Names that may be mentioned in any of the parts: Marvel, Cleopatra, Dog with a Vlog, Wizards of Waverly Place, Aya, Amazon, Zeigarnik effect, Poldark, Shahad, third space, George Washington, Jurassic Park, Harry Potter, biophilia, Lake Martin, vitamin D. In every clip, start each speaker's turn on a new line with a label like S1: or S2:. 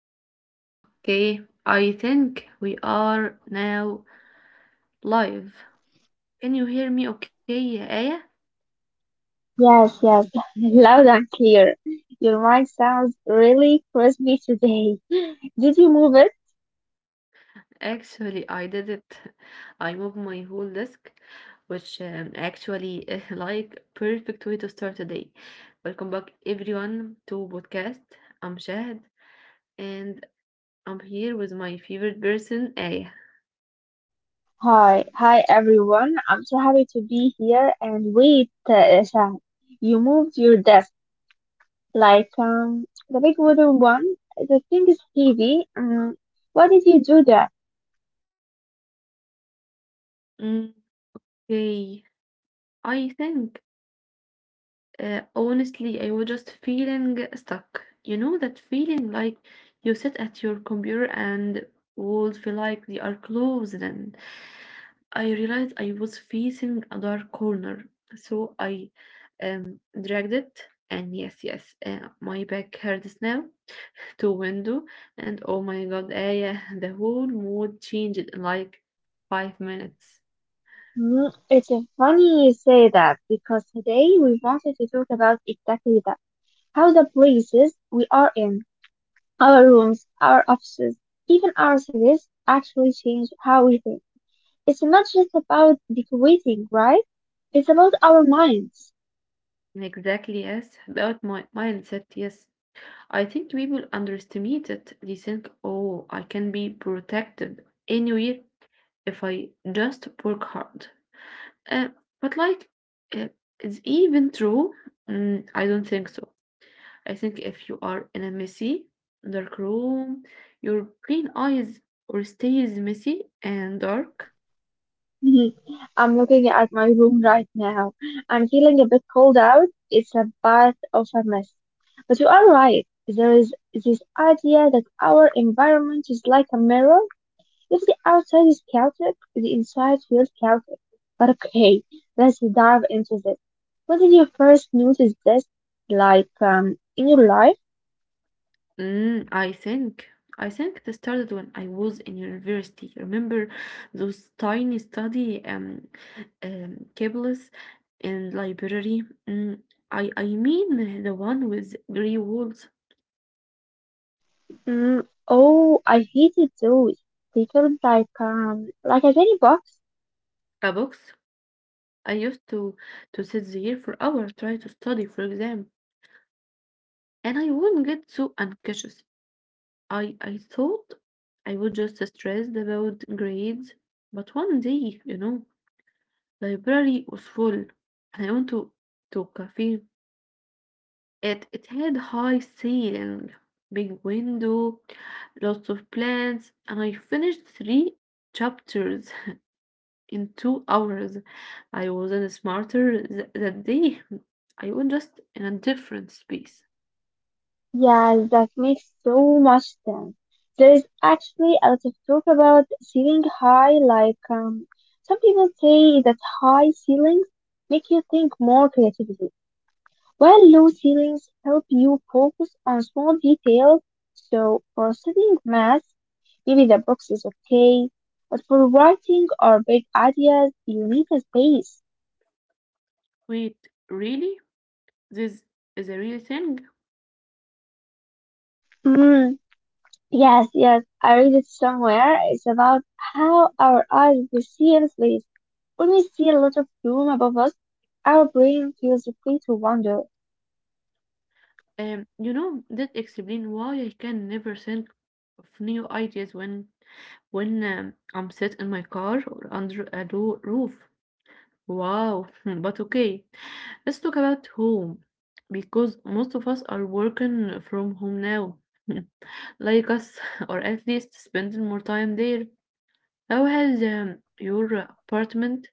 S1: Okay, okay. I think we are now live. Can you hear me okay, يا آية?
S2: Yes, yes, loud and clear. Your mic sounds really crispy today. Did you move it?
S1: Actually, I did it. I moved my whole desk, which actually is like perfect way to start a day. Welcome back everyone to podcast. I'm Shahad and I'm here with my favorite person, Aya.
S2: Hi, hi everyone. I'm so happy to be here. And wait, Shah, you moved your desk like the big wooden one. The thing is heavy. Why did you do that?
S1: Mm, Okay, I think honestly, I was just feeling stuck. You know that feeling like you sit at your computer and walls feel like they are closed. And I realized I was facing a dark corner, so I um dragged it. And yes, yes, my back hurts now to window. And oh my God, yeah, the whole mood changed in like 5 minutes.
S2: It's funny you say that because today we wanted to talk about exactly that. How the places we are in. Our rooms, our offices, even our cities actually change how we think. It's not just about decorating, right? It's about our minds.
S1: Exactly, yes, about my mindset, yes. I think people underestimate it. They think, oh, I can be protected anywhere if I just work hard. Uh, but, uh, it's even true? Mm, I don't think so. I think if you are in a messy, dark room, your plain eyes or stays messy and dark.
S2: Mhm. I'm looking at my room right now. I'm feeling a bit cold out. It's a bath of a mess. But you are right. There is this idea that our environment is like a mirror. If the outside is chaotic, the inside feels chaotic. But okay, let's dive into this. When did you first notice this? Like, in your life?
S1: Mm, I think it started when I was in university. Remember those tiny study cables in library? Mm, I mean the one with grey walls,
S2: Mm, oh, I hated those. They felt like a tiny box.
S1: a box. I used to sit there for hours trying to study for exam, and I wouldn't get so anxious. I thought I was just stressed about grades, but one day, you know, library was full and I went to a cafe. It had high ceiling, big window, lots of plants, and I finished three chapters in 2 hours. I wasn't smarter that day. I was just in a different space.
S2: Yeah, that makes so much sense. There is actually a lot of talk about ceiling high, like, some people say that high ceilings make you think more creatively, while low ceilings help you focus on small details. So for studying math, maybe the box is okay, but for writing or big ideas, you need a space.
S1: Wait, really? This is a real thing.
S2: Mm, yes, yes, I read it somewhere. It's about how our eyes perceive space. When we see a lot of room above us, our brain feels free to wander.
S1: You know, that explain why I can never think of new ideas when I'm sat in my car or under a roof. Wow, but okay, let's talk about home because most of us are working from home now, like us, or at least spending more time there. How has your apartment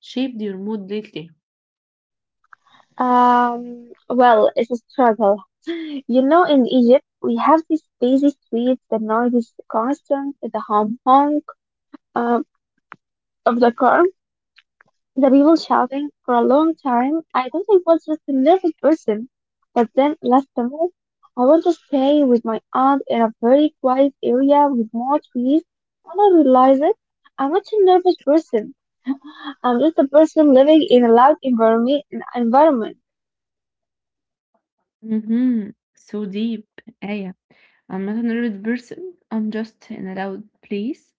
S1: shaped your mood lately?
S2: Well, it's a struggle. You know, in Egypt, we have these busy streets, the noise is constant, the honk honk um, of the car, the people shouting for a long time. I thought I was just a nervous person, but then last summer, I went to stay with my aunt in a very quiet area with more trees, and I realized that I'm not a nervous person. I'm just a person living in a loud environment. Environment.
S1: Mm-hmm. So deep, Aya. I'm not a nervous person. I'm just in a loud place.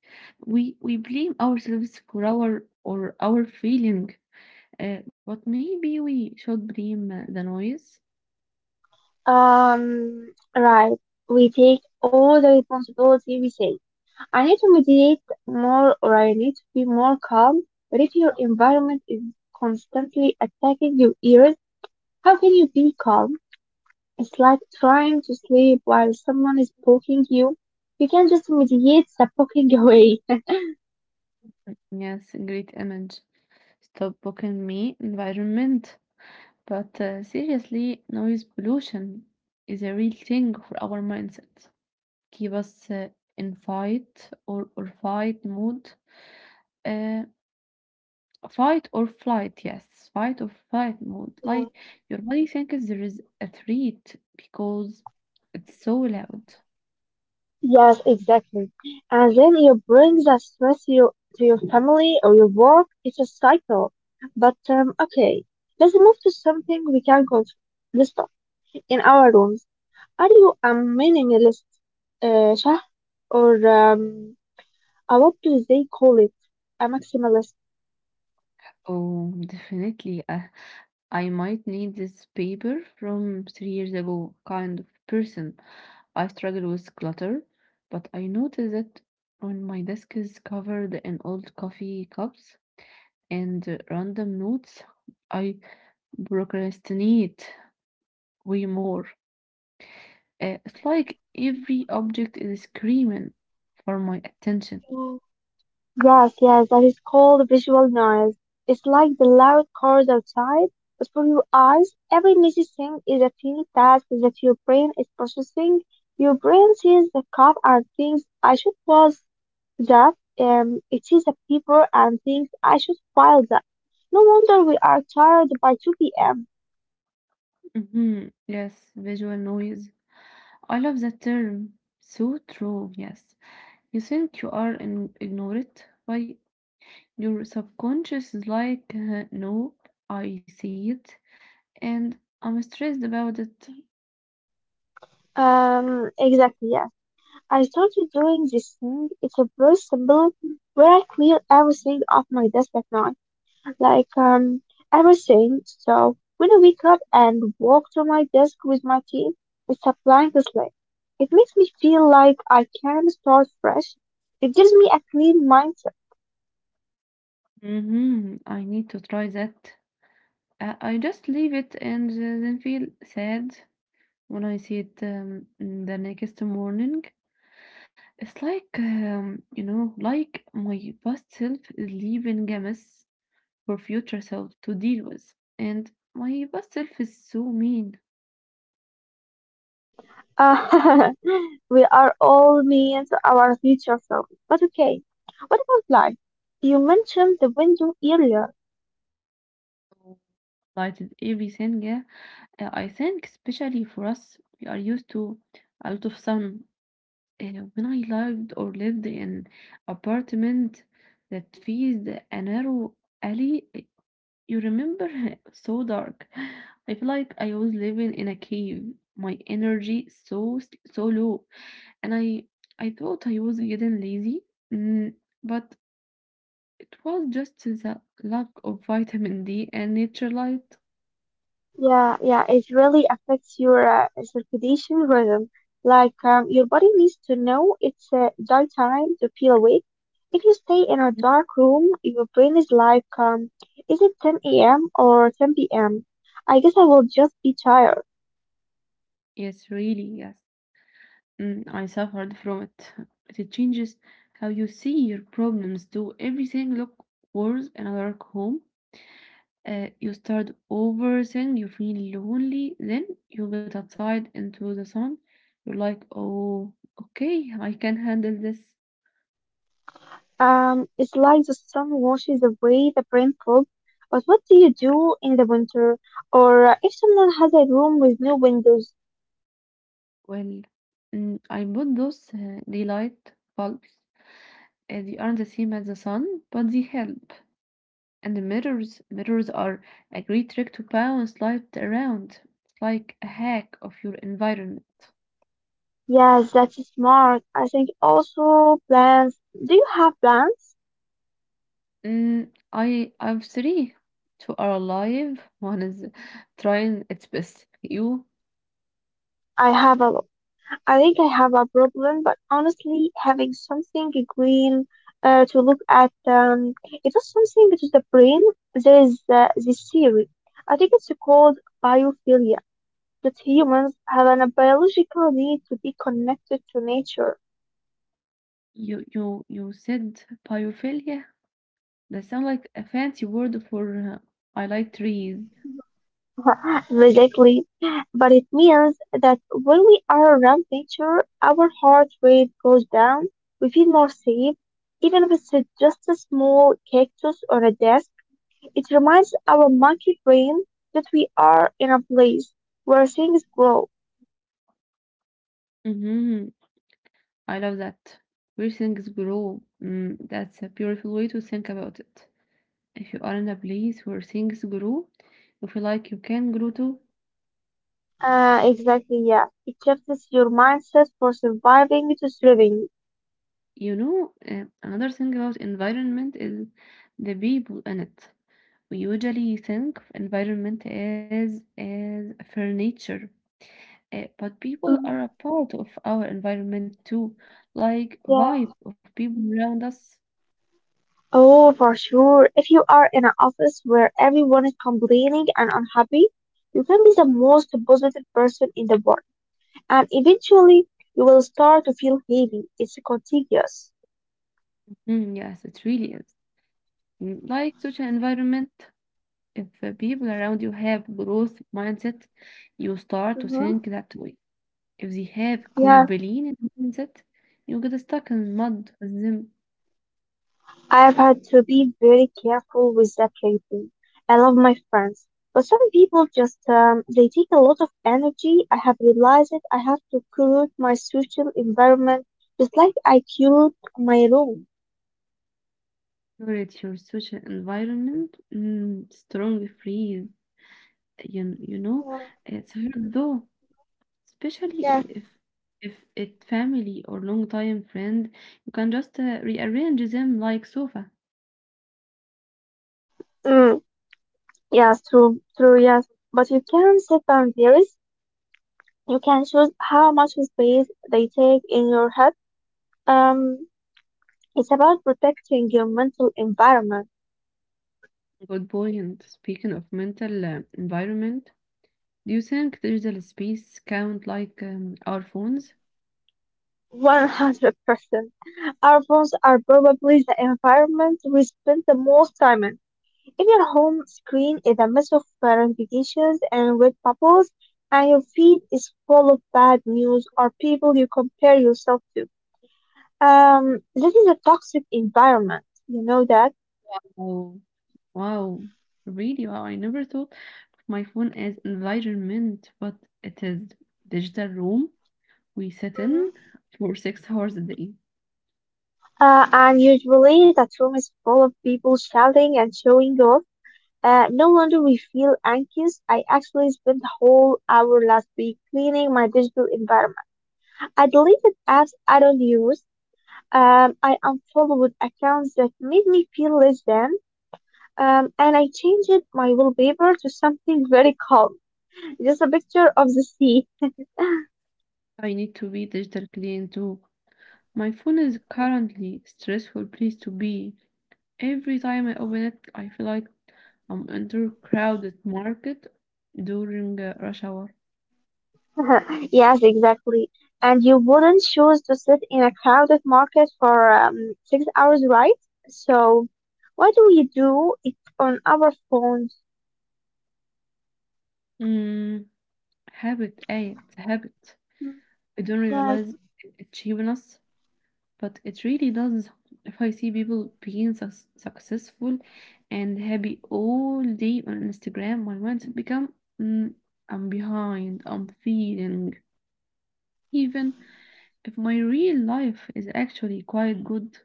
S1: We blame ourselves for our feeling, but maybe we should blame the noise.
S2: Right. We take all the responsibility, we say. I need to mediate more or I need to be more calm. But if your environment is constantly attacking your ears, how can you be calm? It's like trying to sleep while someone is poking you. You can just mediate the poking away.
S1: Yes, great image. Stop booking me environment. But seriously, noise pollution is a real thing for our mindset. Keep us in fight or fight mode. Uh, Fight or flight, yes, fight or flight mode. Like your body thinks there is a threat because it's so loud.
S2: Yes, exactly. And then you bring that stress you, to your family or your work. It's a cycle. But okay, let's move to something we can control. Let's talk in our rooms. Are you a minimalist, Shah? Or what do they call it? A maximalist?
S1: Oh, definitely. I might need this paper from 3 years ago kind of person. I struggle with clutter, but I notice that when my desk is covered in old coffee cups and random notes, I procrastinate way more. It's like every object is screaming for my attention.
S2: Mhm. Yes, yes, that is called visual noise. It's like the loud cars outside, but for your eyes, every messy thing is a tiny task that your brain is processing. Your brain sees the cup and thinks, I should wash that. It sees a paper and thinks, I should file that. No wonder we are tired by 2 p.m.
S1: Hmm, yes, visual noise. I love that term. So true, yes. You think you are in ignorant, but your subconscious is like, no, I see it, and I'm stressed about it.
S2: Exactly, yes. I started doing this thing. It's a very simple where I clear everything off my desk at night, like everything. So when I wake up and walk to my desk with my team, it's applying this link. It makes me feel like I can start fresh. It gives me a clean mindset.
S1: Hmm, I need to try that. I just leave it and then feel sad when I see it the next morning. It's like, you know, like my past self is leaving a mess for future self to deal with. And my past self is so mean,
S2: Uh, we are all mean to our future selves. But okay, what about light? You mentioned the window earlier.
S1: so lighted everything. Yeah, I think especially for us, we are used to a lot of sun. When I lived in apartment that faced a narrow alley. You remember? So dark. I feel like I was living in a cave. My energy so so low, and I thought I was getting lazy, mm, but it was just the lack of vitamin D and nature light.
S2: Yeah, yeah, it really affects your circadian rhythm. Like, your body needs to know it's daytime to feel awake. If you stay in a dark room, your brain is like, is it 10 a.m. or 10 p.m.? I guess I will just be tired.
S1: Yes, really, yes. Mm, I suffered from it. But it changes how you see your problems. Do everything look worse in a dark home? You start overthinking, you feel lonely, then you get outside into the sun. You're like, oh, okay, I can handle this.
S2: It's like the sun washes away the brain fog. But what do you do in the winter? Or if someone has a room with no windows?
S1: Well, mm, I bought those daylight bulbs. They aren't the same as the sun, but they help. And the mirrors, mirrors are a great trick to bounce light around. It's like a hack of your environment.
S2: Yes, that's smart. I think also plans. Do you have plans?
S1: Mm, I have three. Two are alive. One is trying its best. You?
S2: I have a lot. I think I have a problem, but honestly, having something green to look at, it was something to the brain. There is this theory. I think it's called biophilia, that humans have an biological need to be connected to nature.
S1: You said biophilia? That sounds like a fancy word for I like trees.
S2: Basically, but it means that when we are around nature, our heart rate goes down, we feel more safe. Even if it's just a small cactus or a desk, it reminds our monkey brain that we are in a place where things grow.
S1: Mm-hmm. I love that. Where things grow. Mm, that's a beautiful way to think about it. If you are in a place where things grow, you feel like you can grow too.
S2: Exactly, yeah. It shifts your mindset for surviving to thriving.
S1: You know, another thing about environment is the people in it. We usually think of environment as furniture, but people are
S2: Mm-hmm.
S1: a part of our environment too, like
S2: Yeah.
S1: vibe of people around us.
S2: Oh, for sure. If you are in an office where everyone is complaining and unhappy, you can be the most positive person in the world. And eventually, you will start to feel heavy. It's contagious.
S1: Mm, yes, it really is. Mm, like such an environment. If the people around you have growth mindset, you start to
S2: Hmm.
S1: think that way. If they have
S2: Yeah,
S1: complaining mindset, you get stuck in mud with them.
S2: I have had to be very careful with that lately. I love my friends, but some people just they take a lot of energy. I have realized it. I have to curate my social environment just like I curate my room.
S1: Curate your social environment, mm, strong free, you know,
S2: Yeah.
S1: it's hard though, especially
S2: Yeah.
S1: if if it family or long time friend, you can just rearrange them like sofa.
S2: Mm. Yes, true, true, yes. But you can set boundaries. You can choose how much space they take in your head. Um, it's about protecting your mental environment.
S1: Good point. Speaking of mental environment, do you think digital space count like our phones?
S2: 100%. Our phones are probably the environment we spend the most time in. If your home screen is a mess of notifications and red bubbles, and your feed is full of bad news or people you compare yourself to, this is a toxic environment. You know that?
S1: Oh, wow. Really? Wow. I never thought of my phone as environment, but it is digital room we sit in for 6 hours a day.
S2: And usually that room is full of people shouting and showing off. No wonder we feel anxious. I actually spent the whole hour last week cleaning my digital environment. I deleted apps I don't use. I unfollowed accounts that made me feel less than. And I changed my wallpaper to something very calm, just a picture of the sea.
S1: I need to be digitally into. My phone is currently stressful place to be. Every time I open it, I feel like I'm enter crowded market during rush hour.
S2: Yes, exactly. And you wouldn't choose to sit in a crowded market for 6 hours, right? So, why do we do it on our phones?
S1: Mm, habit, It's a habit. I don't
S2: Yes,
S1: realize it's cheating us, but it really does. If I see people being sus successful and happy all day on Instagram, my mindset become mm, I'm behind. I'm feeling even if my real life is actually quite good.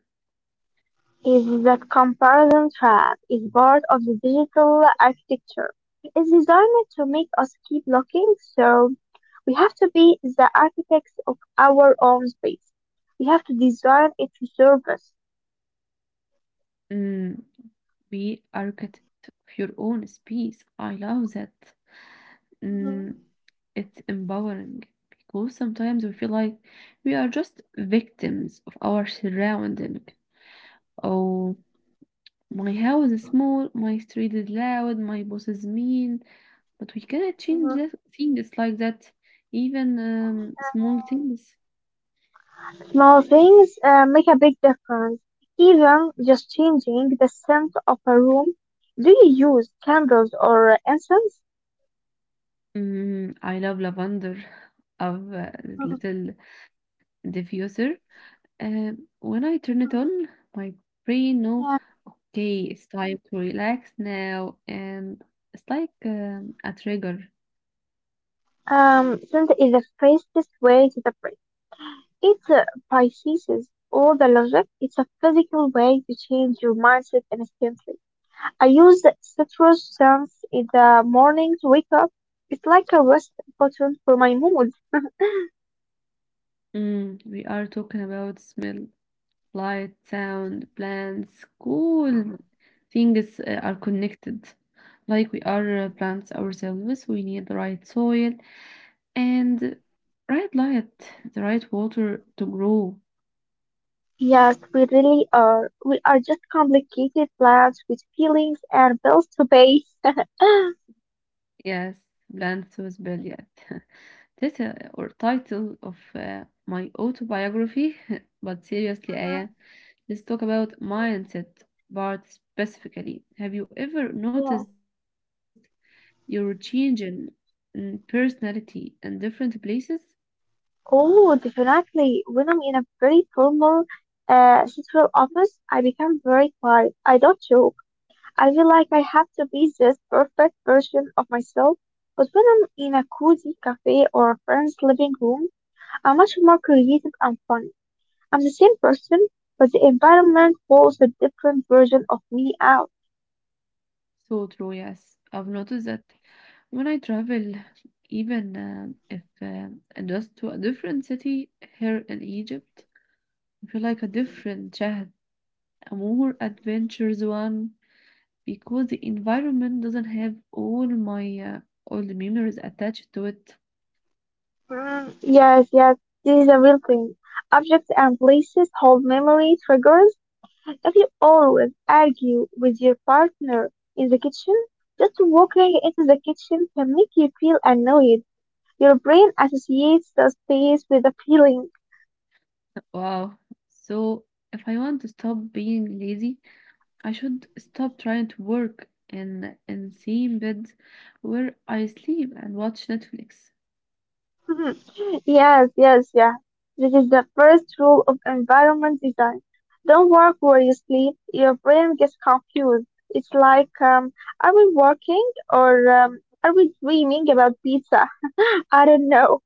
S2: is that comparison trap is part of the digital architecture. It's designed to make us keep looking, so we have to be the architects of our own space. We have to design it to serve
S1: Mm, be architect of your own space. I love that.
S2: us.
S1: Mm, it's empowering because sometimes we feel like we are just victims of our surrounding. Oh, my house is small, my street is loud, my boss is mean, but we cannot change that things like that. Even small things.
S2: Small things make a big difference. Even just changing the scent of a room. Do you use candles or incense?
S1: Mm, I love lavender of little diffuser. When I turn it on, my brain know,
S2: Yeah.
S1: okay, it's time to relax now, and it's like a trigger.
S2: Scent is the fastest way to the brain. It processes all the logic. It's a physical way to change your mindset instantly. I use citrus scents in the morning to wake up. It's like a rest button for my mood.
S1: Mm, we are talking about smell, light, sound, plants, cool things are connected. Like we are plants ourselves, we need the right soil and right light, the right water to grow.
S2: Yes, we really are. We are just complicated plants with feelings and bills to pay.
S1: Yes, plants with billiard. That's or title of my autobiography. But seriously,
S2: Uh-huh.
S1: Aya, let's talk about
S2: Yeah.
S1: mindset part specifically. Have you ever
S2: Yes.
S1: noticed your change in personality in different places?
S2: Oh, definitely. When I'm in a very formal, central office, I become very quiet. I don't joke. I feel like I have to be this perfect version of myself. But when I'm in a cozy cafe or a friend's living room, I'm much more creative and fun. I'm the same person, but the environment pulls a different version of me out.
S1: So true, yes. I've noticed that when I travel, even if just to a different city here in Egypt, I feel like a different Chad, a more adventurous one, because the environment doesn't have all my all the memories attached to it.
S2: Mm, yes, yes, this is a real thing. Objects and places hold memory triggers. If you always argue with your partner in the kitchen, just walking into the kitchen can make you feel annoyed. Your brain associates the space with a feeling.
S1: Wow. So if I want to stop being lazy, I should stop trying to work in same bed where I sleep and watch Netflix.
S2: Mhm. Yes, yes, yeah. This is the first rule of environment design. Don't work where you sleep. Your brain gets confused. It's like, are we working or are we dreaming about pizza? I don't know.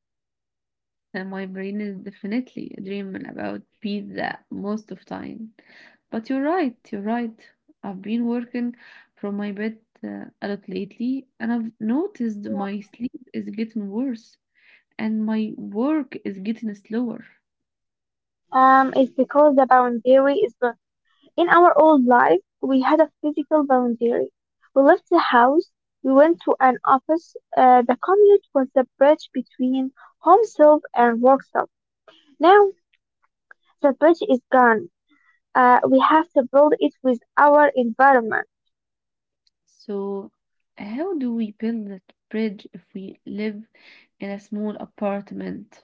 S1: And my brain is definitely dreaming about pizza most of time. But you're right, you're right. I've been working from my bed a lot lately, and I've noticed
S2: Yeah.
S1: my sleep is getting worse and my work is getting slower.
S2: It's because the boundary is gone. In our old life, we had a physical boundary. We left the house. We went to an office. The commute was the bridge between home self and work self. Now the bridge is gone. We have to build it with our environment.
S1: So, how do we build that bridge if we live in a small apartment?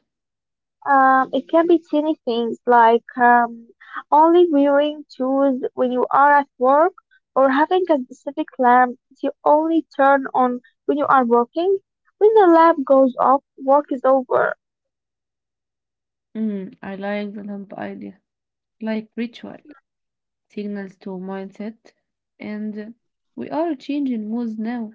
S2: It can be tiny things like only wearing shoes when you are at work or having a specific lamp that you only turn on when you are working. When the lamp goes off, work is over.
S1: Mm, I like the lamp idea, like ritual,
S2: Mm.
S1: signals to mindset, and we are changing moods now.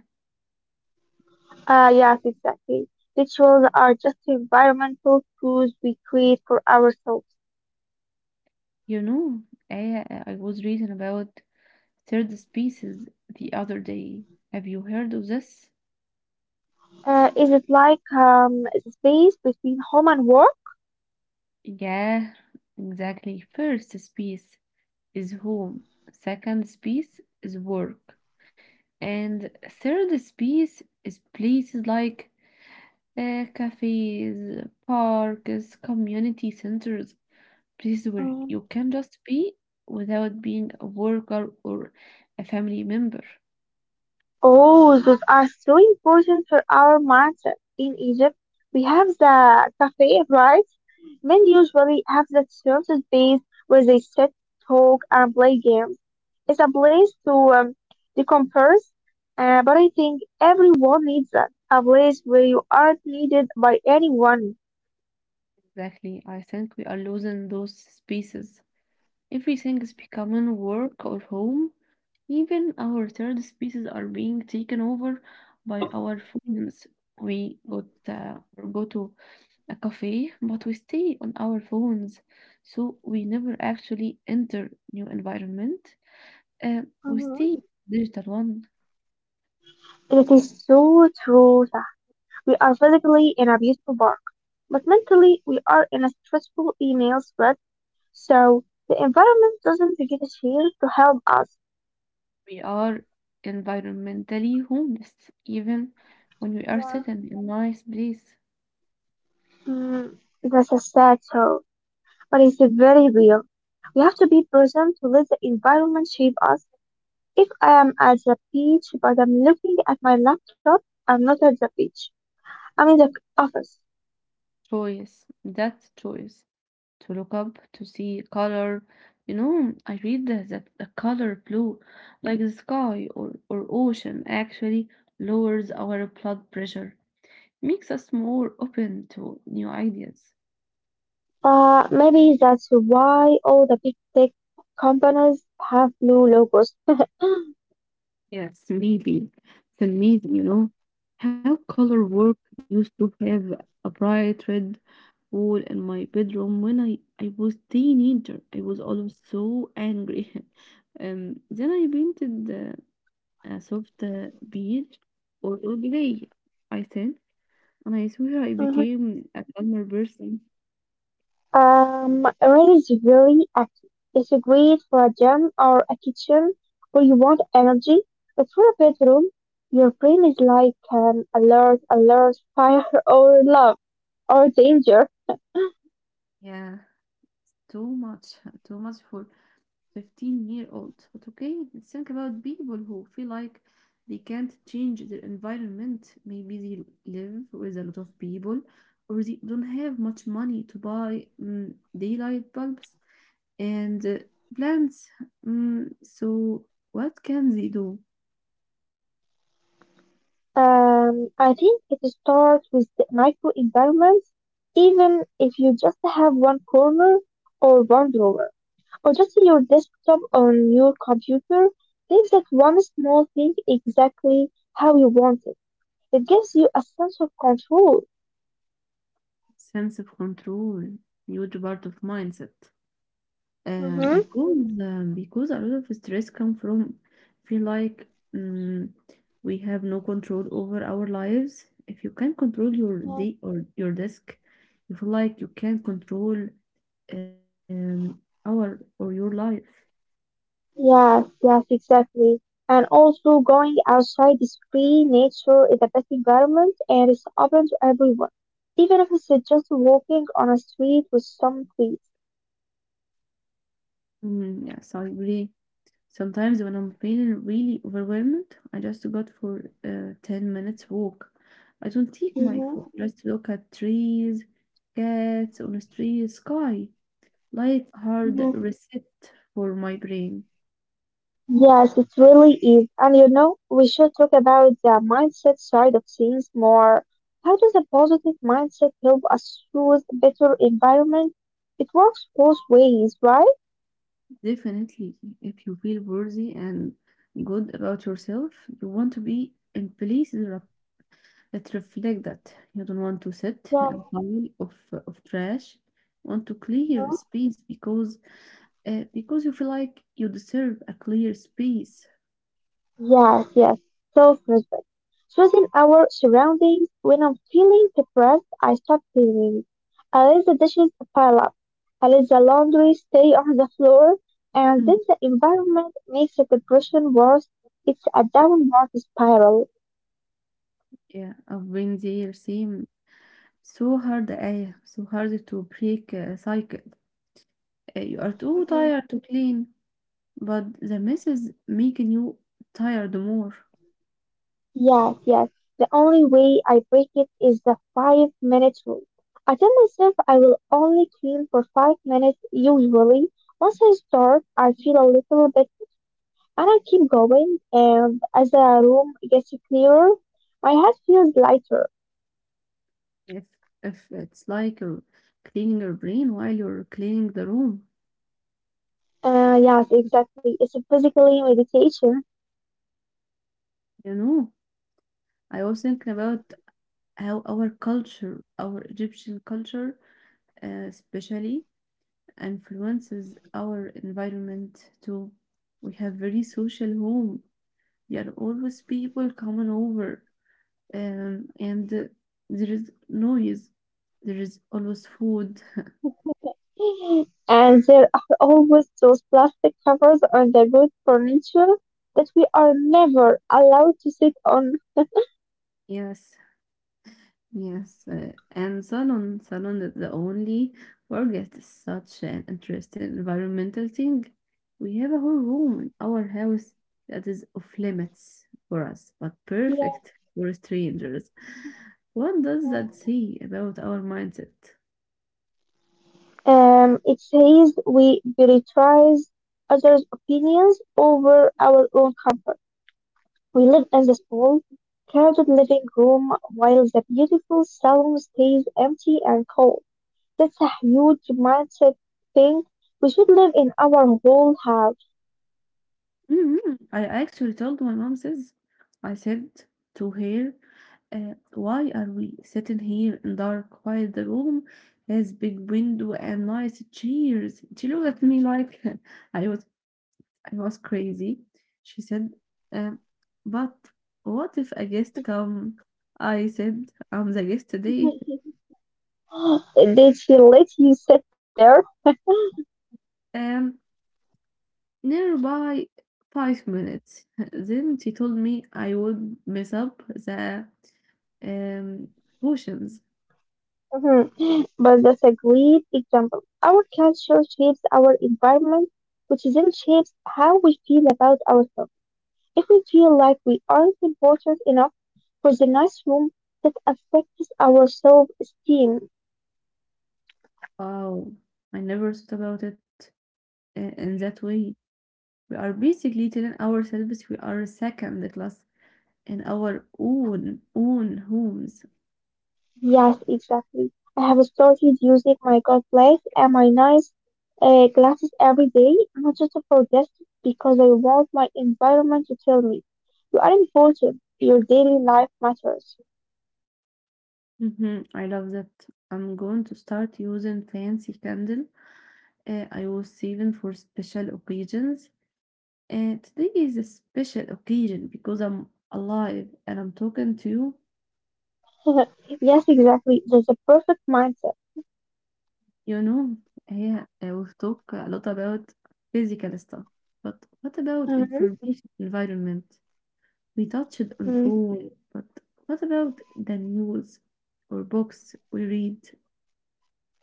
S2: Yes, exactly. Rituals are just environmental cues we create for ourselves.
S1: You know, I was reading about third species the other day. Have you heard of this?
S2: Is it like the space between home and work?
S1: Yeah, exactly. First space is home, second space is work, and third space is places like cafes, parks, community centers, places where you
S2: Mm.
S1: can just be without being a worker or a family member.
S2: Oh, those are so important for our mindset. In Egypt, we have the cafe, right? Men usually have that certain space where they sit, talk, and play games. It's a place to decompress, but I think everyone needs that. A place where you aren't needed by anyone.
S1: Exactly. I think we are losing those spaces. Everything is becoming work or home. Even our third species are being taken over by our phones. We go to a cafe, but we stay on our phones, so we never actually enter new environment. We stay
S2: Hmm.
S1: digital one.
S2: It is so true. Sah. We are physically in a beautiful park, but mentally we are in a stressful email thread. So the environment doesn't get here to help us.
S1: We are environmentally homeless, even when we are
S2: Yeah.
S1: sitting in a nice place.
S2: Mm, that's a sad thought, but it's very real. We have to be present to let the environment shape us. If I am at the beach but I'm looking at my laptop, I'm not at the beach. I'm in the office.
S1: Choice, that's choice to look up, to see color. You know, I read that the color blue, like the sky or ocean, actually lowers our blood pressure, makes us more open to new ideas.
S2: Maybe that's why all the big tech companies have blue logos.
S1: Yes, maybe. It's amazing, you know, how color work used to have a bright red wall in my bedroom when I was teenager. I was always so angry. Um, then I painted a soft beer or grey, I said, and I swear I
S2: Mhm.
S1: became a calmer person.
S2: Red is very active. It's great for a gym or a kitchen where you want energy. But for a bedroom, your brain is like alert, alert, fire or love or danger.
S1: Yeah, too much, too much for 15-year-old. But okay, let's think about people who feel like they can't change their environment. Maybe they live with a lot of people or they don't have much money to buy daylight bulbs and plants. So what can they do?
S2: I think it starts with the micro environments, even if you just have one corner or one drawer, or just your desktop on your computer. Make that one small thing exactly how you want it. It gives you a sense of control.
S1: Sense of control, huge part of mindset. Uh,
S2: Mm-hmm.
S1: because um, because a lot of stress come from feel like um we have no control over our lives. If you can't control your day or your desk, you feel like you can't control um, our or your life.
S2: Yes, yes, exactly. And also going outside is free, nature is the best environment and it's open to everyone. Even if it's just walking on a street with some trees.
S1: Yes, I agree. Sometimes when I'm feeling really overwhelmed, I just go for a 10 minutes walk. I don't take my phone,
S2: Mm-hmm.
S1: just look at trees, cats on a street, sky, like hard
S2: Mm-hmm.
S1: reset for my brain.
S2: Yes, it really is. And you know, we should talk about the mindset side of things more. How does a positive mindset help us choose a better environment? It works both ways, right?
S1: Definitely, if you feel worthy and good about yourself, you want to be in places. It reflects that you don't want to sit in
S2: Yeah.
S1: a pile of trash. You want to clear space because because you feel like you deserve a clear space.
S2: Yes, yes, self-respect. Choosing our surroundings. When I'm feeling depressed, I stop cleaning. I let the dishes pile up. I let the laundry stay on the floor. And
S1: Mhm.
S2: then the environment makes the depression worse. It's a downward spiral.
S1: Yeah, I've been there. Same. So hard, آية. So hard to break a cycle. You are too
S2: Hmm.
S1: tired to clean. But the mess is making you tired more.
S2: Yes, yes. The only way I break it is the 5 minute rule. I tell myself I will only clean for 5 minutes usually. Once I start, I feel a little bit. And I keep going, and as the room gets clearer, my head feels lighter.
S1: If if it's like you're cleaning your brain while you're cleaning the room,
S2: Yes, exactly. It's a physically meditation.
S1: you know. I was thinking about how our culture, our Egyptian culture, especially, influences our environment too. We have very social home. There are always people coming over, and there is noise. There is always food.
S2: And there are always those plastic covers on the good furniture that we are never allowed to sit on.
S1: Yes, Yes, and Salon, Salon is the only forget is such an interesting environmental thing. We have a whole room in our house that is off limits for us, but
S2: Yeah.
S1: perfect for strangers. What does that say about our mindset?
S2: It says we prioritize others' opinions over our own comfort. We live in the small, crowded living room while the beautiful salon stays empty and cold. That's a huge mindset thing. We should live in our whole house.
S1: Mhm. I actually told my mom this. I said to her, why are we sitting here in dark, quiet room, has big window and nice chairs? She looked at me like I was I was crazy. She said, um, but what if a guest come? I said, I'm the guest today.
S2: Did she let you sit there?
S1: Um, nearby 5 minutes. Then she told me I would mess up the um, potions.
S2: Mhm. But that's a great example. Our culture shapes our environment, which then shapes how we feel about ourselves. If we feel like we aren't important enough for the nice room, that affects our self-esteem.
S1: Wow, I never thought about it in that way. We are basically telling ourselves we are second class in our own homes.
S2: Yes, exactly. I have started using my glasses and my nice glasses every day, not just for guests, because I want my environment to tell me, you are important, your daily life matters.
S1: Hmm, I love that. I'm going to start using fancy candle I was saving for special occasions. And today is a special occasion because I'm alive and I'm talking to you.
S2: Yes, exactly. That's a perfect mindset.
S1: You know, yeah, we've talked a lot about physical stuff, but what about
S2: Mhm.
S1: information environment? We touched on
S2: Mm.
S1: phone, but what about the news or books we read?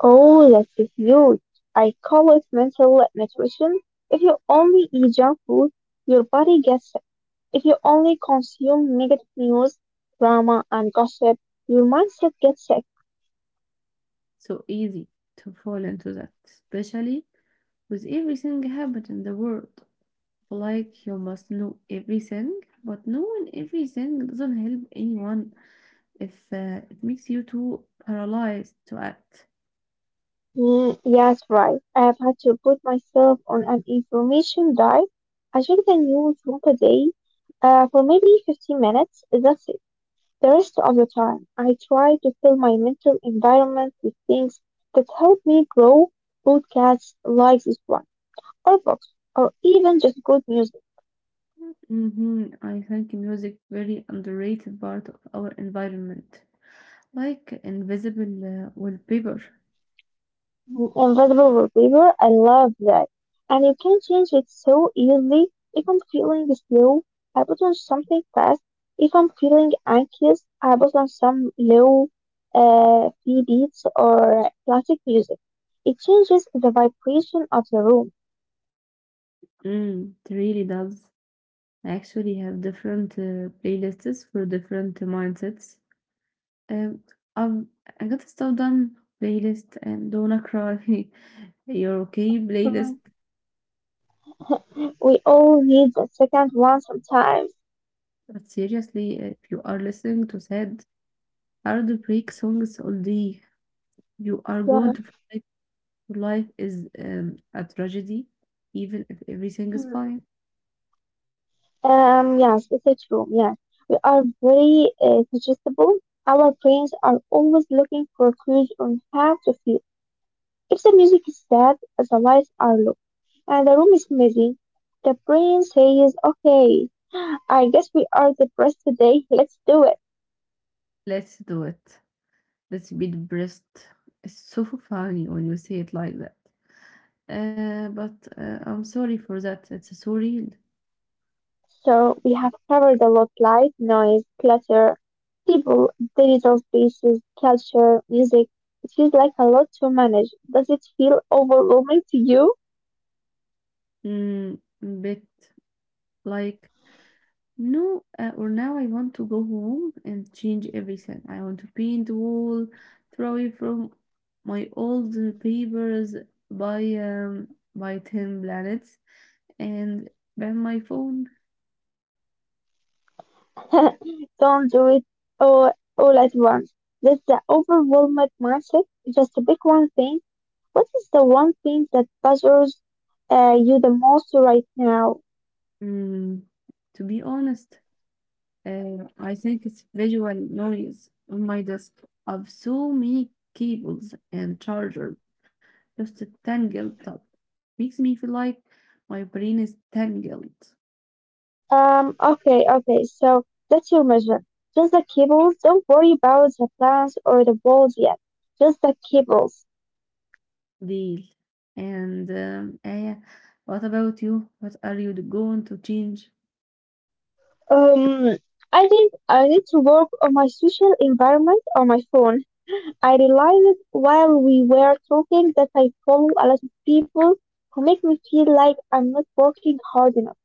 S2: Oh, that's huge. I call it mental nutrition. If you only eat junk food, your body gets. If you only consume negative news, drama, and gossip, your mindset gets sick.
S1: So easy to fall into that, especially with everything happening in the world. Like you must know everything, but knowing everything doesn't help anyone. If it makes you too paralyzed to act.
S2: Mm, yes, right. I have had to put myself on an information diet. I check the news once a day for maybe 15 minutes. That's it. The rest of the time, I try to fill my mental environment with things that help me grow, podcasts like this one, or books, or even just good music.
S1: Hmm, I think music very underrated part of our environment, like invisible wallpaper.
S2: Invisible Reaper, I love that. And you can change it so easily. If I'm feeling slow, I put on something fast. If I'm feeling anxious, I put on some low free beats or classic music. It changes the vibration of the room.
S1: Mm, it really does. I actually have different playlists for different mindsets. Um, I've, I got a Stop Done playlist and Don't Cry, You're Okay playlist.
S2: Mhm. We all need a second one sometimes.
S1: But seriously, if you are listening to sad, hard break songs all day, you are going to.
S2: Yeah.
S1: Life is a tragedy, even if everything is fine.
S2: Yes, it's a true. Yes, we are very suggestible. Our brains are always looking for clues on how to feel. If the music is sad, the lights are low, and the room is messy, the brain says, "Okay, I guess we are depressed today. Let's do it."
S1: Let's do it. Let's be depressed. It's so funny when you say it like that. But I'm sorry for that. It's so real.
S2: So we have covered a lot: light, noise, clutter, people, digital spaces, culture, music. It feels like a lot to manage. Does it feel overwhelming to you?
S1: Mm, bit like no, or now I want to go home and change everything. I want to paint the wall, throw away from my old papers, buy 10 planets, and ban my phone.
S2: Don't do it all, all at once. That's the overwhelmed mindset. Just pick one thing. What is the one thing that bothers you the most right now?
S1: Mm, to be honest, I think it's visual noise on my desk of so many cables and chargers, just a tangled up. Makes me feel like my brain is tangled.
S2: Okay, so that's your mission. Just the cables. Don't worry about the plans or the walls yet. Just the cables.
S1: Deal. And Aya, what about you? What are you going to change?
S2: Um, I think I need to work on my social environment on my phone. I realized while we were talking that I follow a lot of people who make me feel like I'm not working hard enough.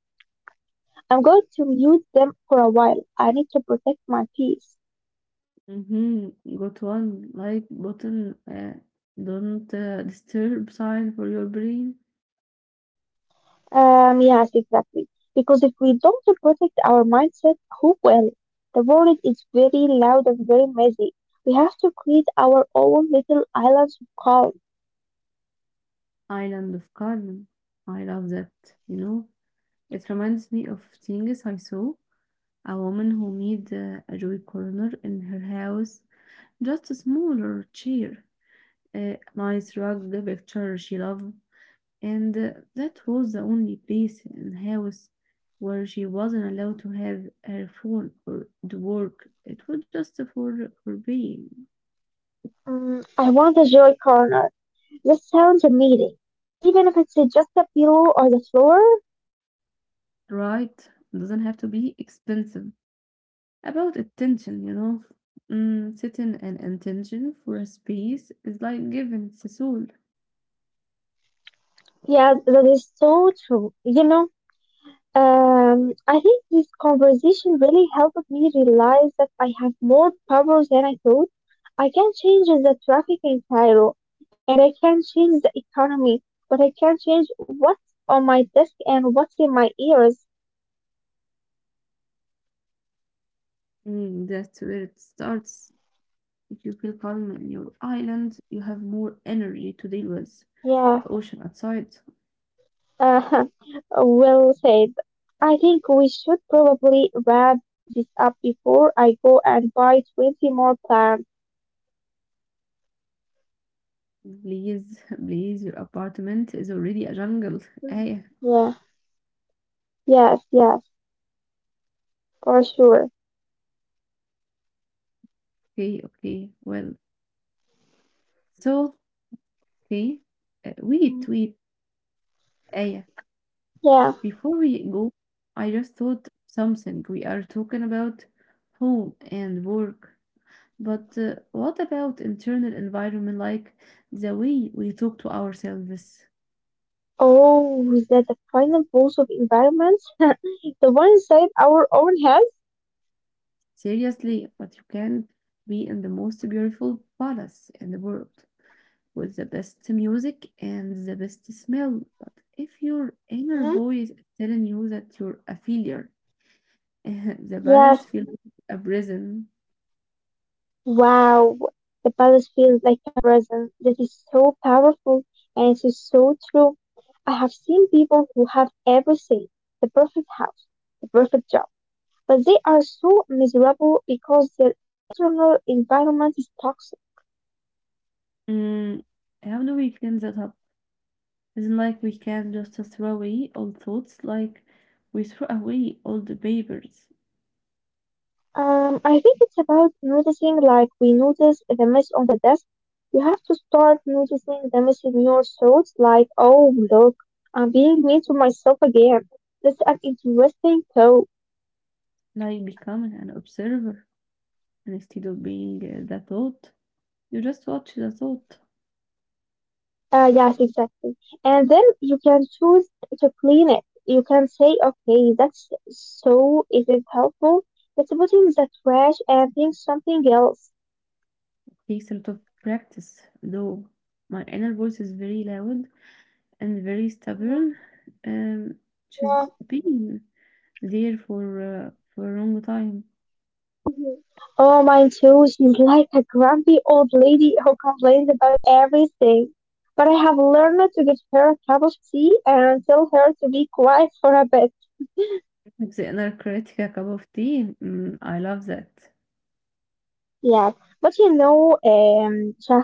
S2: I'm going to mute them for a while. I need to protect my peace.
S1: Mm-hmm. Got one like button. Don't disturb sign for your brain.
S2: Yes, exactly. Because if we don't protect our mindset, who will? The world is very loud and very messy. We have to create our own little islands of calm.
S1: Island of calm. I love that. You know, it reminds me of things I saw. A woman who made a joy corner in her house, just a smaller chair, a nice rug, the picture she loved, and that was the only place in the house where she wasn't allowed to have her phone or the work. It was just for being
S2: Mm, I want a joy corner. That sounds amazing. Even if it's just a pillow or the floor,
S1: right. It doesn't have to be expensive. About attention, you know, setting an intention for a space is like giving it a soul.
S2: yeah, that is so true. You know, I think this conversation really helped me realize that I have more power than I thought. I can change the traffic in Cairo, and I can change the economy, but I can not change what's on my desk and what's in my ears.
S1: Mm, that's where it starts. If you feel calm in your island, you have more energy to deal with the ocean outside.
S2: Yeah, uh, well said. I think we should probably wrap this up before I go and buy 20 more plants.
S1: Please, please, your apartment is already a jungle. آية,
S2: Mm. Yeah, yes, yes, for sure.
S1: okay, okay, well. So, okay, wait, آية.
S2: Yeah.
S1: Before we go, I just thought something. We are talking about home and work. But what about internal environment, like the way we talk to ourselves?
S2: Oh, that the final boss of environment? The one inside our own heads?
S1: Seriously, but you can be in the most beautiful palace in the world with the best music and the best smell. But if your inner
S2: Mhm.
S1: voice is telling you that you're a failure, the
S2: Yes.
S1: palace feels like a prison.
S2: Wow. The palace feels like a prison. That is so powerful and it is so true. I have seen people who have everything. The perfect house, the perfect job. But they are so miserable because their internal environment is toxic.
S1: Mm, how do we clean that up? Isn't like we can just throw away all thoughts, like we throw away all the papers,
S2: I think it's about noticing, like we notice the mess on the desk. You have to start noticing the mess in your thoughts, like, oh, look, I'm being mean to myself again. That's an interesting thought.
S1: like becoming an observer. And instead of being the thought, you just watch the thought.
S2: Yes, exactly. And then you can choose to clean it. You can say, okay, that's so, is it helpful? Let's put in the trash and think something else.
S1: Takes a lot of practice, though. My inner voice is very loud and very
S2: Mhm.
S1: stubborn, um,
S2: Yeah.
S1: she's been there for a long time.
S2: Mhm. Oh, mine too. She's like a grumpy old lady who complains about everything. But I have learned to give her a cup of tea and tell her to be quiet for a bit.
S1: The inner critic, a cup of tea. Mm, I love that.
S2: Yeah. But you know, Shah,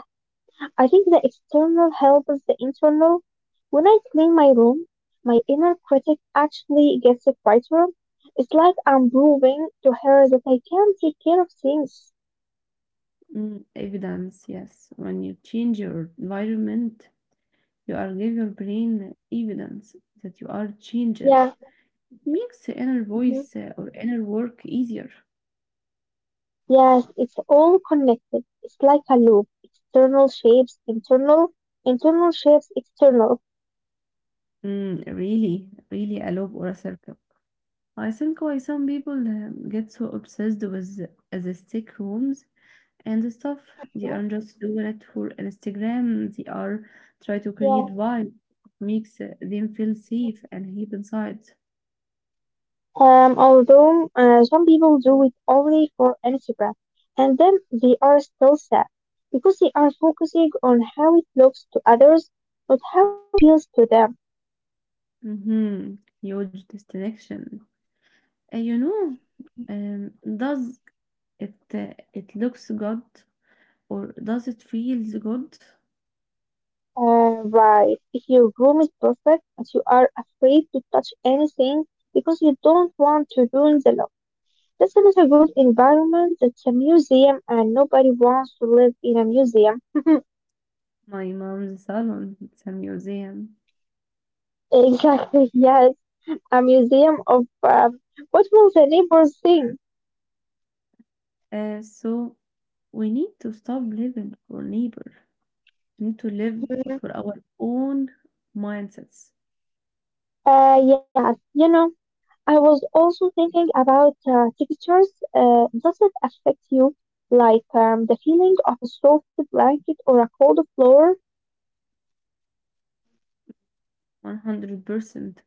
S2: I think the external help is the internal. When I clean my room, my inner critic actually gets quieter. It's like I'm proving to her that I can take care of things.
S1: Mm, evidence, yes. When you change your environment, you are give your brain evidence that you are changing.
S2: Yeah.
S1: It makes the inner
S2: Mhm.
S1: voice or inner work easier.
S2: Yes, it's all connected. It's like a loop. External shapes internal, internal shapes external.
S1: Really a loop or a circle. I think why some people get so obsessed with aesthetic rooms and stuff. They
S2: Uh-huh.
S1: aren't just doing it for Instagram. They are try to
S2: Yeah.
S1: create vibe, makes them feel safe and deep inside.
S2: Although some people do it only for Instagram, and then they are still sad because they are focusing on how it looks to others, not how it feels to them.
S1: Mm-hmm. Huge destination. And you know,
S2: Mm-hmm.
S1: um, does it looks good or does it feels good?
S2: Right. If your room is perfect, but you are afraid to touch anything because you don't want to ruin the look. This is a good environment, it's a museum, and nobody wants to live in a museum.
S1: My mom's salon. It's a museum.
S2: Exactly, yes. A museum of what will the neighbors think?
S1: So we need to stop living for neighbor. We need to live
S2: Hmm.
S1: for our own mindsets.
S2: Yes, you know, I was also thinking about textures. Does it affect you? Like the feeling of a soft blanket or a cold floor?
S1: 100%.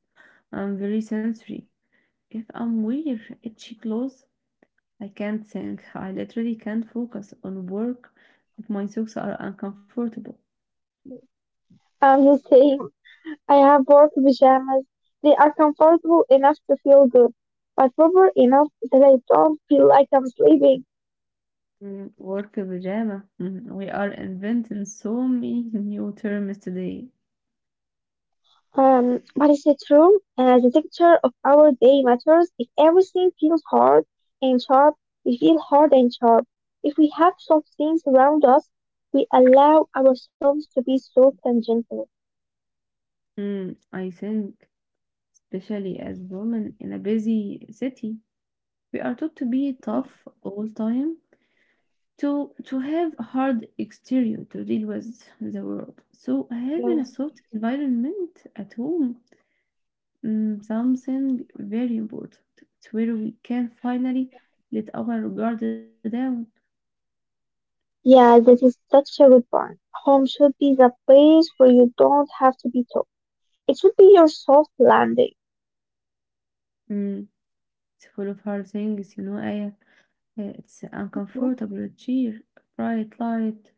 S1: I'm very sensory. If I'm wear itchy clothes, I can't think. I literally can't focus on work if my socks are uncomfortable.
S2: You say I have work pajamas. They are comfortable enough to feel good, but proper enough that I don't feel like I'm sleeping.
S1: Mm, work pajama. Mm, we are inventing so many new terms today.
S2: But is it true? The texture of our day matters. If everything feels hard and sharp, we feel hard and sharp. If we have soft things around us, we allow ourselves to be soft and gentle.
S1: Mm, I think, especially as women in a busy city, we are taught to be
S2: Mhm.
S1: tough all time to have a hard exterior to deal with the world. So having a
S2: Yeah.
S1: soft environment at home, mm, something very important. It's where we can finally let our guard down.
S2: Yeah, that is such a good point. Home should be the place where you don't have to be tough. It should be your soft landing.
S1: Mm, it's full of hard things, you know. Aya. It's uncomfortable cheer, bright light,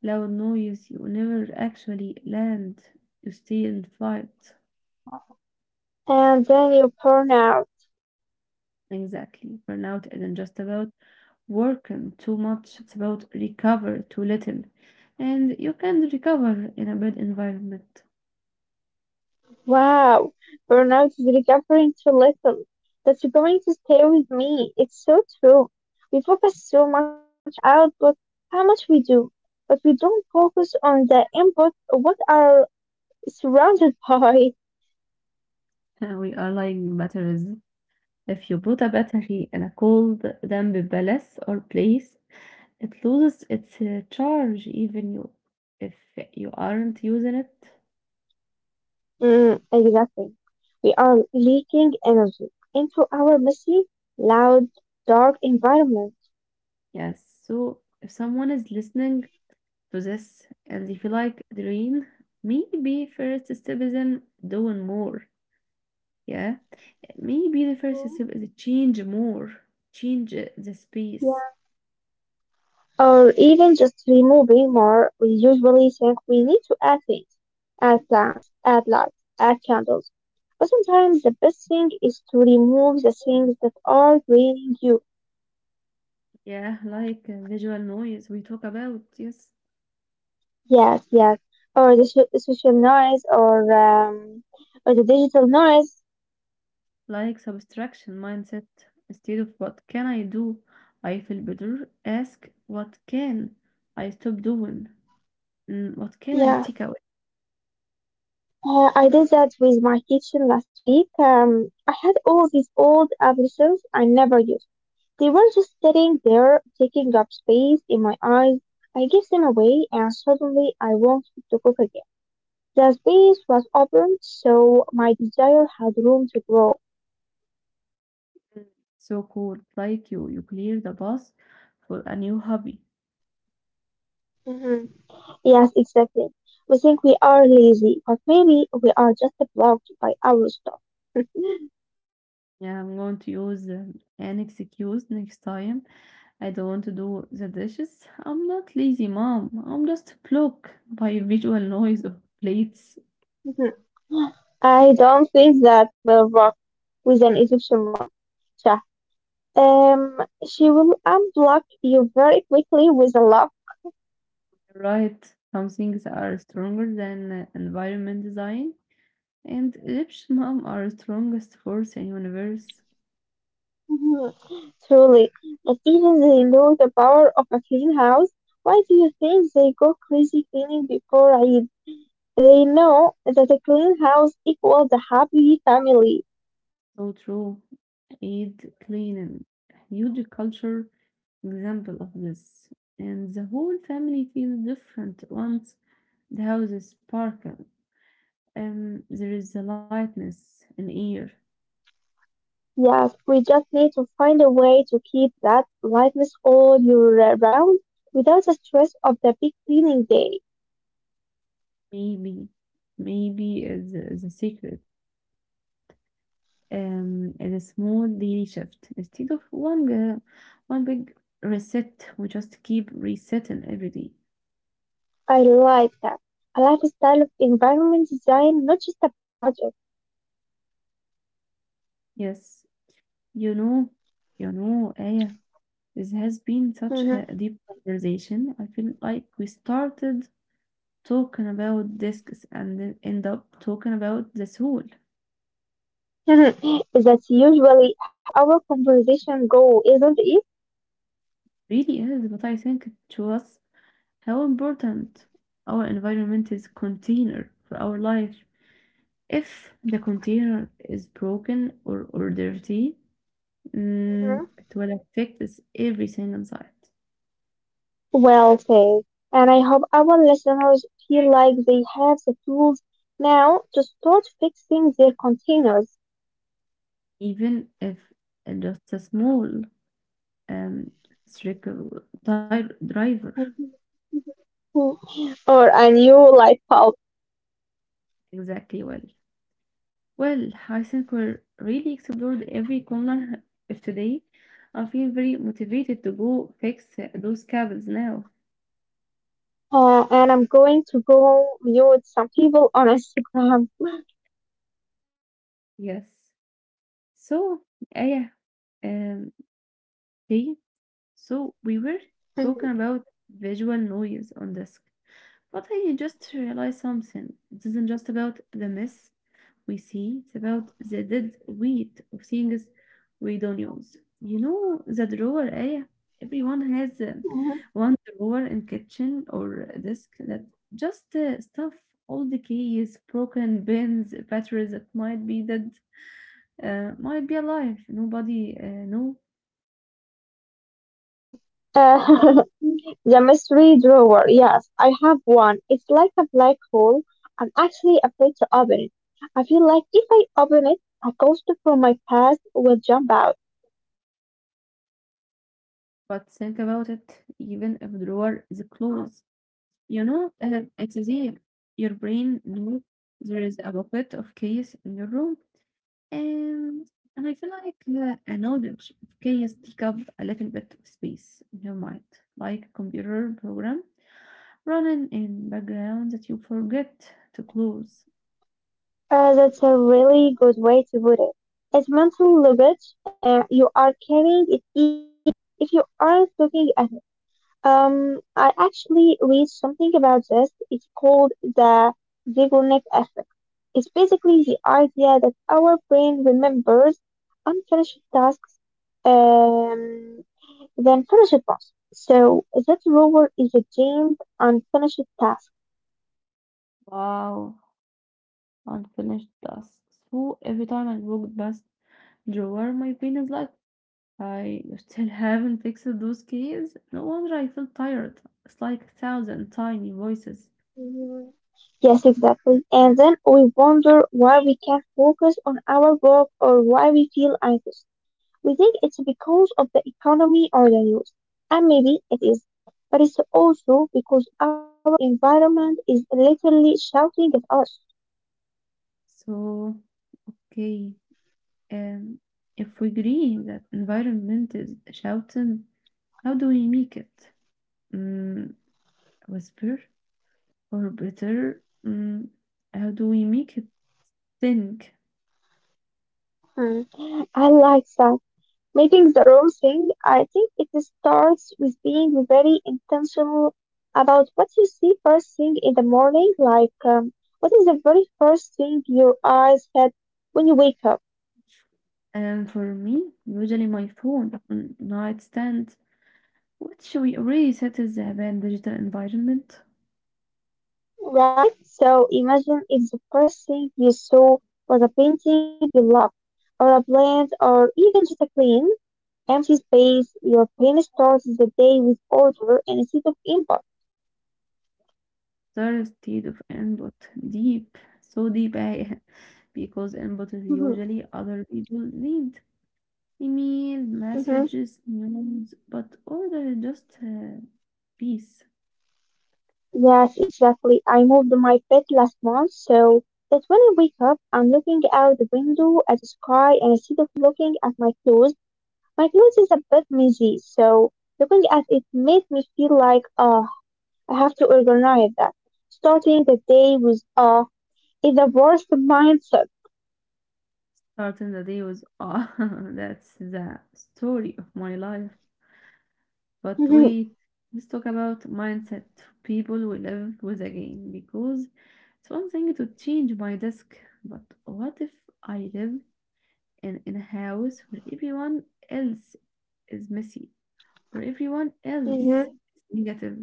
S1: loud noise. You never actually land. You stay in flight.
S2: Yeah. And then you burn out.
S1: Exactly. Burnout isn't just about working too much, it's about recover too little. And you can recover in a bad environment.
S2: Wow, burnout is recovering too little. That's going to stay with me. It's so true. We focus so much on the output, how much we do, but we don't focus on the input, what are surrounded by.
S1: We are lying batteries. If you put a battery in a cold, damp palace or place, it loses its charge even you, if you aren't using it.
S2: Mm, exactly. We are leaking energy into our messy, loud, dark environment.
S1: Yes, so if someone is listening to this and they feel like drained, maybe first step is in doing more. Yeah. Maybe the first
S2: Mhm.
S1: step is change more, change the space.
S2: Or even just removing more, we usually think we need to add things, add plants, add lights, add candles. But sometimes the best thing is to remove the things that are draining you.
S1: Yeah, like visual noise we talk about, yes,
S2: Yes, yes. Or the social noise, or the digital noise.
S1: like subtraction mindset. Instead of what can I do, I feel better. Ask what can I stop doing? Mm, what can I
S2: Yeah,
S1: take away?
S2: I did that with my kitchen last week. I had all these old appliances I never used. They were just sitting there, taking up space in my eyes. I gave them away, and suddenly I wanted to cook again. The space was open, so my desire had room to grow.
S1: So cool, like you clear the bus for a new hobby.
S2: Hmm. Yes, exactly. We think we are lazy, but maybe we are just blocked by our stuff. Hmm.
S1: Yeah, I'm going to use an excuse next time I don't want to do the dishes. I'm not lazy, mom. I'm just blocked by visual noise of plates.
S2: I don't think that will work with an Egyptian mom. Sure. Um, she will unblock you very quickly with a laugh.
S1: Right? Some things are stronger than environment design, and Egyptian mom are strongest force in universe.
S2: Mhm. Truly, but even they know the power of a clean house. Why do you think they go crazy cleaning before Eid? They know that a clean house equals a happy family.
S1: So true. Eid cleaning, huge culture example of this, and the whole family feels different once the house is sparkle. And there is a lightness in air.
S2: Yes, we just need to find a way to keep that lightness all year round without the stress of the big cleaning day.
S1: Maybe, maybe is the secret. Is a small daily shift instead of one big reset. We just keep resetting every day.
S2: I like that. A lifestyle of environment design, not just a project.
S1: Yes, you know, Aya, this has been such
S2: Mhm.
S1: a deep conversation. I feel like we started talking about discs and then end up talking about the soul.
S2: That's usually how our conversation go, isn't it?
S1: Really is, but I think it was how important our environment is container for our life. If the container is broken or dirty, mm,
S2: Mhm.
S1: it will affect us everything inside.
S2: Well said. And I hope our listeners feel like they have the tools now to start fixing their containers.
S1: Even if it's just a small driver.
S2: Mhm. Or a new light bulb.
S1: Exactly well. Well, I think we're really explored every corner of today. I feel very motivated to go fix those cables now.
S2: And I'm going to go mute some people on Instagram.
S1: Yes. So, uh, yeah, um, they, so we were talking
S2: Mhm.
S1: about visual noise on disk, but I just realized something. It isn't just about the mess we see; it's about the dead weight of things we don't use. The drawer. Yeah, everyone has one drawer in kitchen or a desk that just stuff all the keys, broken pins, batteries that might be dead. Might be a life nobody know,
S2: Uh, the mystery drawer. Yes, I have one. It's like a black hole. I'm actually afraid to open it. I feel like if I open it, a ghost from my past will jump out.
S1: but think about it. Even if the door is closed, it's as if your brain knows there is a bucket of chaos in your room, and and I feel like a knowledge of chaos take up a little bit of space in your mind, like a computer program running in background that you forget to close.
S2: That's a really good way to put it. It's mental luggage, and you are carrying it even if you aren't looking at it. I actually read something about this. It's called the Zeigarnik effect. It's basically the idea that our brain remembers unfinished tasks, um, than finished ones. So that reward is a deemed unfinished task.
S1: Wow, unfinished tasks. So every time I walked past Drawer my brain is like, I still haven't fixed those keys. No wonder I feel tired. It's like a thousand tiny voices.
S2: Mhm. Yes, exactly. And then we wonder why we can't focus on our work or why we feel anxious. We think it's because of the economy or the news, and maybe it is. But it's also because our environment is literally shouting at us.
S1: So, okay, um, if we agree that environment is shouting, how do we make it Mm, whisper, or better, mm, how do we make it think?
S2: Mm. I like that. Making the wrong thing, I think it starts with being very intentional about what you see first thing in the morning, like what is the very first thing your eyes had when you wake up,
S1: And for me, usually my phone on nightstand, which we already set as a bad digital environment.
S2: right? So imagine if the first thing you saw was a painting you love, or a plant, or even just a clean, empty space. Your brain starts the day with order and instead of impulse.
S1: Thirsty of input. Deep. Because input is
S2: Mhm,
S1: usually other people need. Email,
S2: mhm.
S1: messages, news, but order is just peace.
S2: Yes, exactly. I moved my bed last month so that when I wake up, I'm looking out the window at the sky and instead of looking at my clothes is a bit messy. So looking at it made me feel like, oh, I have to organize that. Starting the day with, oh, is the worst mindset.
S1: Starting the day was, ah, that's the story of my life. But wait, let's talk about mindset. People we live with again because it's one thing to change my desk, but what if I live in a house where everyone else is messy. For everyone else,
S2: Mhm.
S1: it's negative.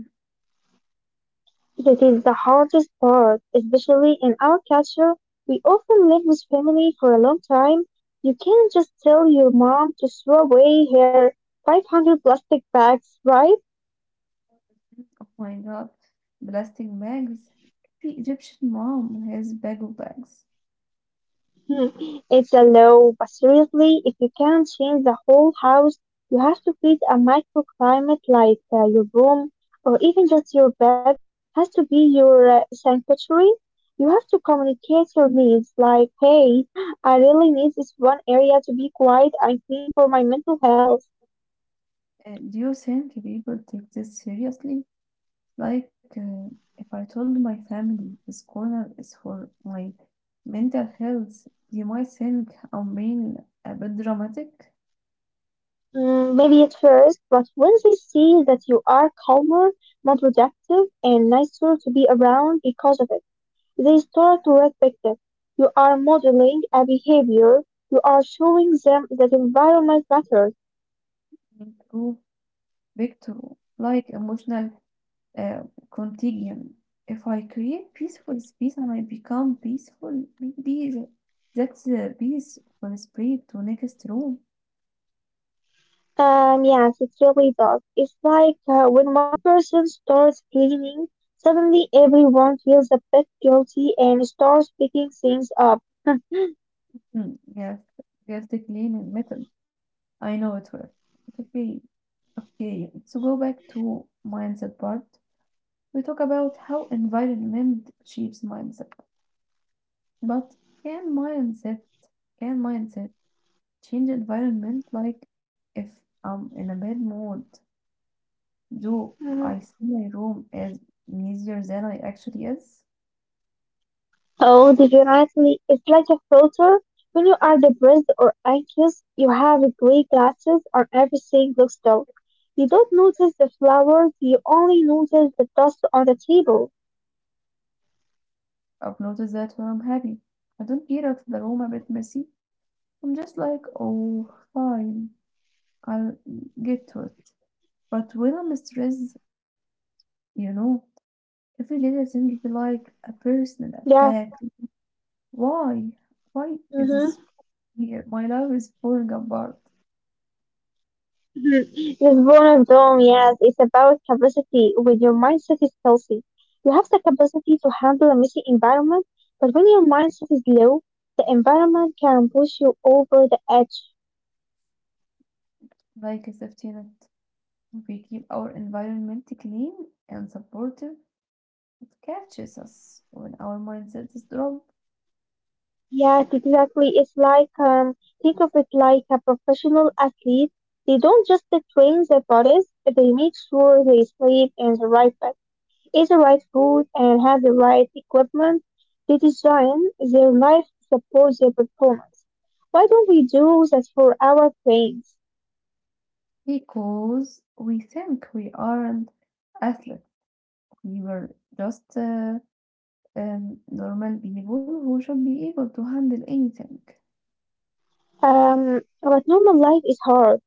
S2: That is the hardest part, especially in our culture. We often live with family for a long time. You can't just tell your mom to throw away her 500 plastic bags, right?
S1: Oh my god, plastic bags. Every Egyptian mom has bag of bags.
S2: Hmm, it's a law, but seriously, if you can't change the whole house, you have to create a microclimate like your room or even just your bed has to be your sanctuary. You have to communicate your needs like, hey, I really need this one area to be quiet and clean for my mental health.
S1: Do you think people take this seriously? Like, uh, if I told my family this corner is for my mental health, you might think I'm being a bit dramatic,
S2: Mm, maybe at first, but when they see that you are calmer, more productive, and nicer to be around because of it. They start to respect it. You are modeling a behavior. You are showing them that environment matters.
S1: too big to like emotional uh, contagion. If I create peaceful space and I become peaceful, maybe th- that's the peace will spread to next room.
S2: Yes, it really does. It's like when one person starts cleaning, suddenly everyone feels a bit guilty and starts picking things up.
S1: Hmm, yes, yes, the cleaning method. I know it works. Okay, okay. So go back to mindset part. We talk about how environment shapes mindset, but can mindset can mindset change environment? Like if I'm in a bad mood, do
S2: Mhm.
S1: I see my room as messier than I actually is?
S2: Oh, definitely. It's like a filter. When you are depressed or anxious, you have gray glasses or everything looks dull. You don't notice the flowers, you only notice the dust on the table.
S1: I've noticed that when I'm happy. I don't care if the room a bit messy. I'm just like, oh, fine, I'll get to it. But when I'm stressed, you know, every little thing feel
S2: Yeah.
S1: like a personal attack. Why?
S2: Mm-hmm.
S1: Why is this here? My life is falling apart.
S2: Mm-hmm. This bonus dome, yes, it's about capacity. When your mindset is healthy, you have the capacity to handle a messy environment. But when your mindset is low, the environment can push you over the edge.
S1: Like a safety net. We keep our environment clean and supportive. It catches us when our mindset is dropped
S2: Yes, exactly. It's like think of it like a professional athlete. They don't just train their bodies; they make sure they sleep in the right bed, eat the right food, and have the right equipment, they design their life to support their performance. Why don't we do that for our brains?
S1: because we think we aren't athletes. We were just normal people who should be able to handle anything.
S2: But normal life is hard.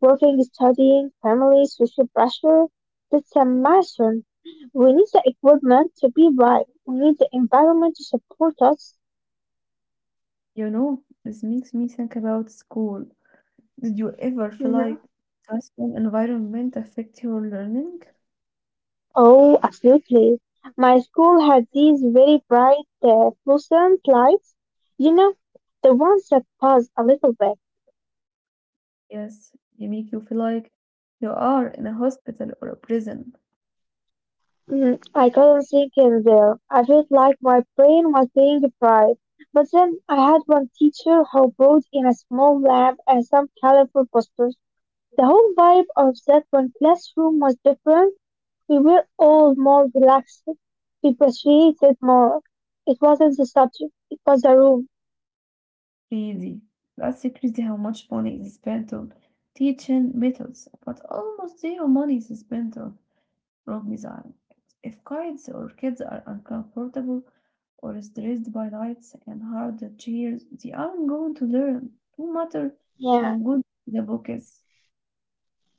S2: Working, studying, family, social pressure. That's a marathon. We need the equipment to be right. We need the environment to support us.
S1: You know, this makes me think about school. Did you ever feel
S2: Mm-hmm.
S1: like classroom environment affect your learning?
S2: Oh, absolutely. My school had these very bright fluorescent lights. You know, the ones that buzz a little bit.
S1: Yes, they make you feel like you are in a hospital or a prison.
S2: Mm, I couldn't think in there. I felt like my brain was being fried. But then I had one teacher who brought in a small lamp and some colorful posters. The whole vibe of that one classroom was different. We were all more relaxed. We appreciated more. It wasn't the subject, it was the room.
S1: Really, that crazy how much money is spent on teaching methods, but almost zero money is spent on room design. If kids or kids are uncomfortable or stressed by lights and hard chairs, they aren't going to learn, no matter
S2: Yeah.
S1: how good the book is.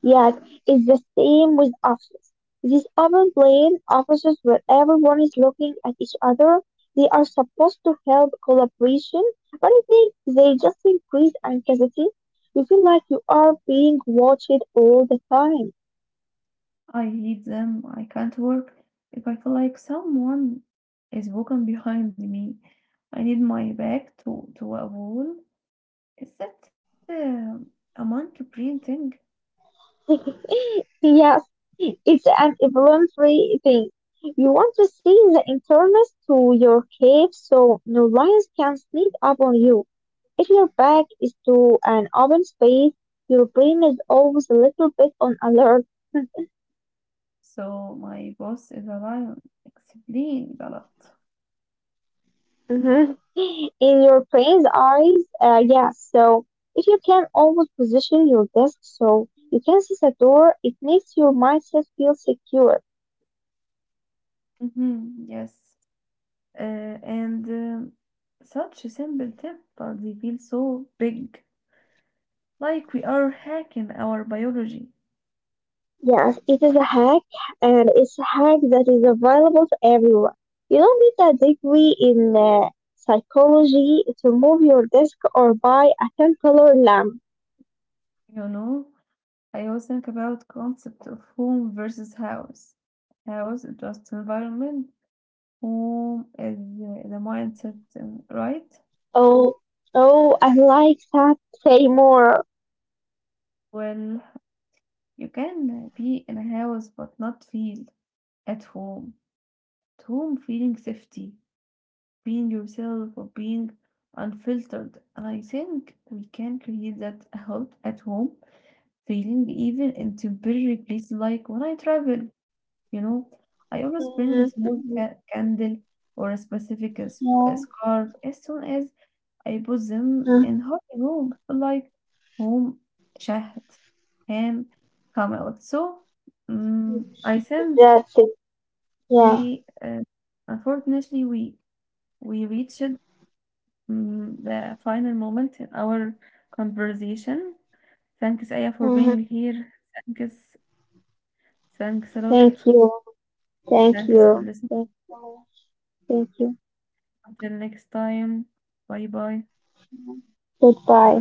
S2: Yet it's the same with offices. These open plan offices where everyone is looking at each other, they are supposed to help collaboration, but I think they just increase anxiety. You feel like you are being watched all the time.
S1: I hate them. I can't work if I feel like someone is walking behind me. I need my back to a wall. Is that a monkey brain thing?
S2: yes, it's an evolutionary thing. You want to see the internals to your cave so no lions can sneak up on you. If your back is to an open space, your brain is always a little bit on alert.
S1: So my boss is a lion. Explains a lot.
S2: Mhm. In your brain's eyes, yeah. So if you can always position your desk so you can see the door, it makes your mindset feel secure.
S1: Mm-hmm. Yes. And Such a simple tip, but they feel so big, like we are hacking our biology.
S2: Yes, it is a hack, and it's a hack that is available to everyone. You don't need a degree in psychology to move your desk or buy a 10 color lamp.
S1: You know, I always think about concept of home versus house. House is just environment. Home is the mindset, right?
S2: Oh, oh, I like that. Say more.
S1: Well, you can be in a house but not feel at home. At home, feeling safety, being yourself or being unfiltered. And I think we can create that health at home feeling even in temporary places like when I travel, you know, I always bring
S2: Mhm,
S1: a small
S2: mhm.
S1: candle or a specific
S2: Yeah.
S1: scarf. As soon as I put them
S2: Mhm.
S1: in hot room like home شهد can come out. So I think
S2: That's it. Yeah.
S1: we unfortunately we reached the final moment in our conversation. Thanks, Aya, for
S2: Hmm.
S1: being here. Thanks. Thanks a
S2: Thank
S1: lot.
S2: you. Thank
S1: Thanks for
S2: you.
S1: listening.
S2: Thank you. Thank you.
S1: Until next time. Bye bye.
S2: Goodbye.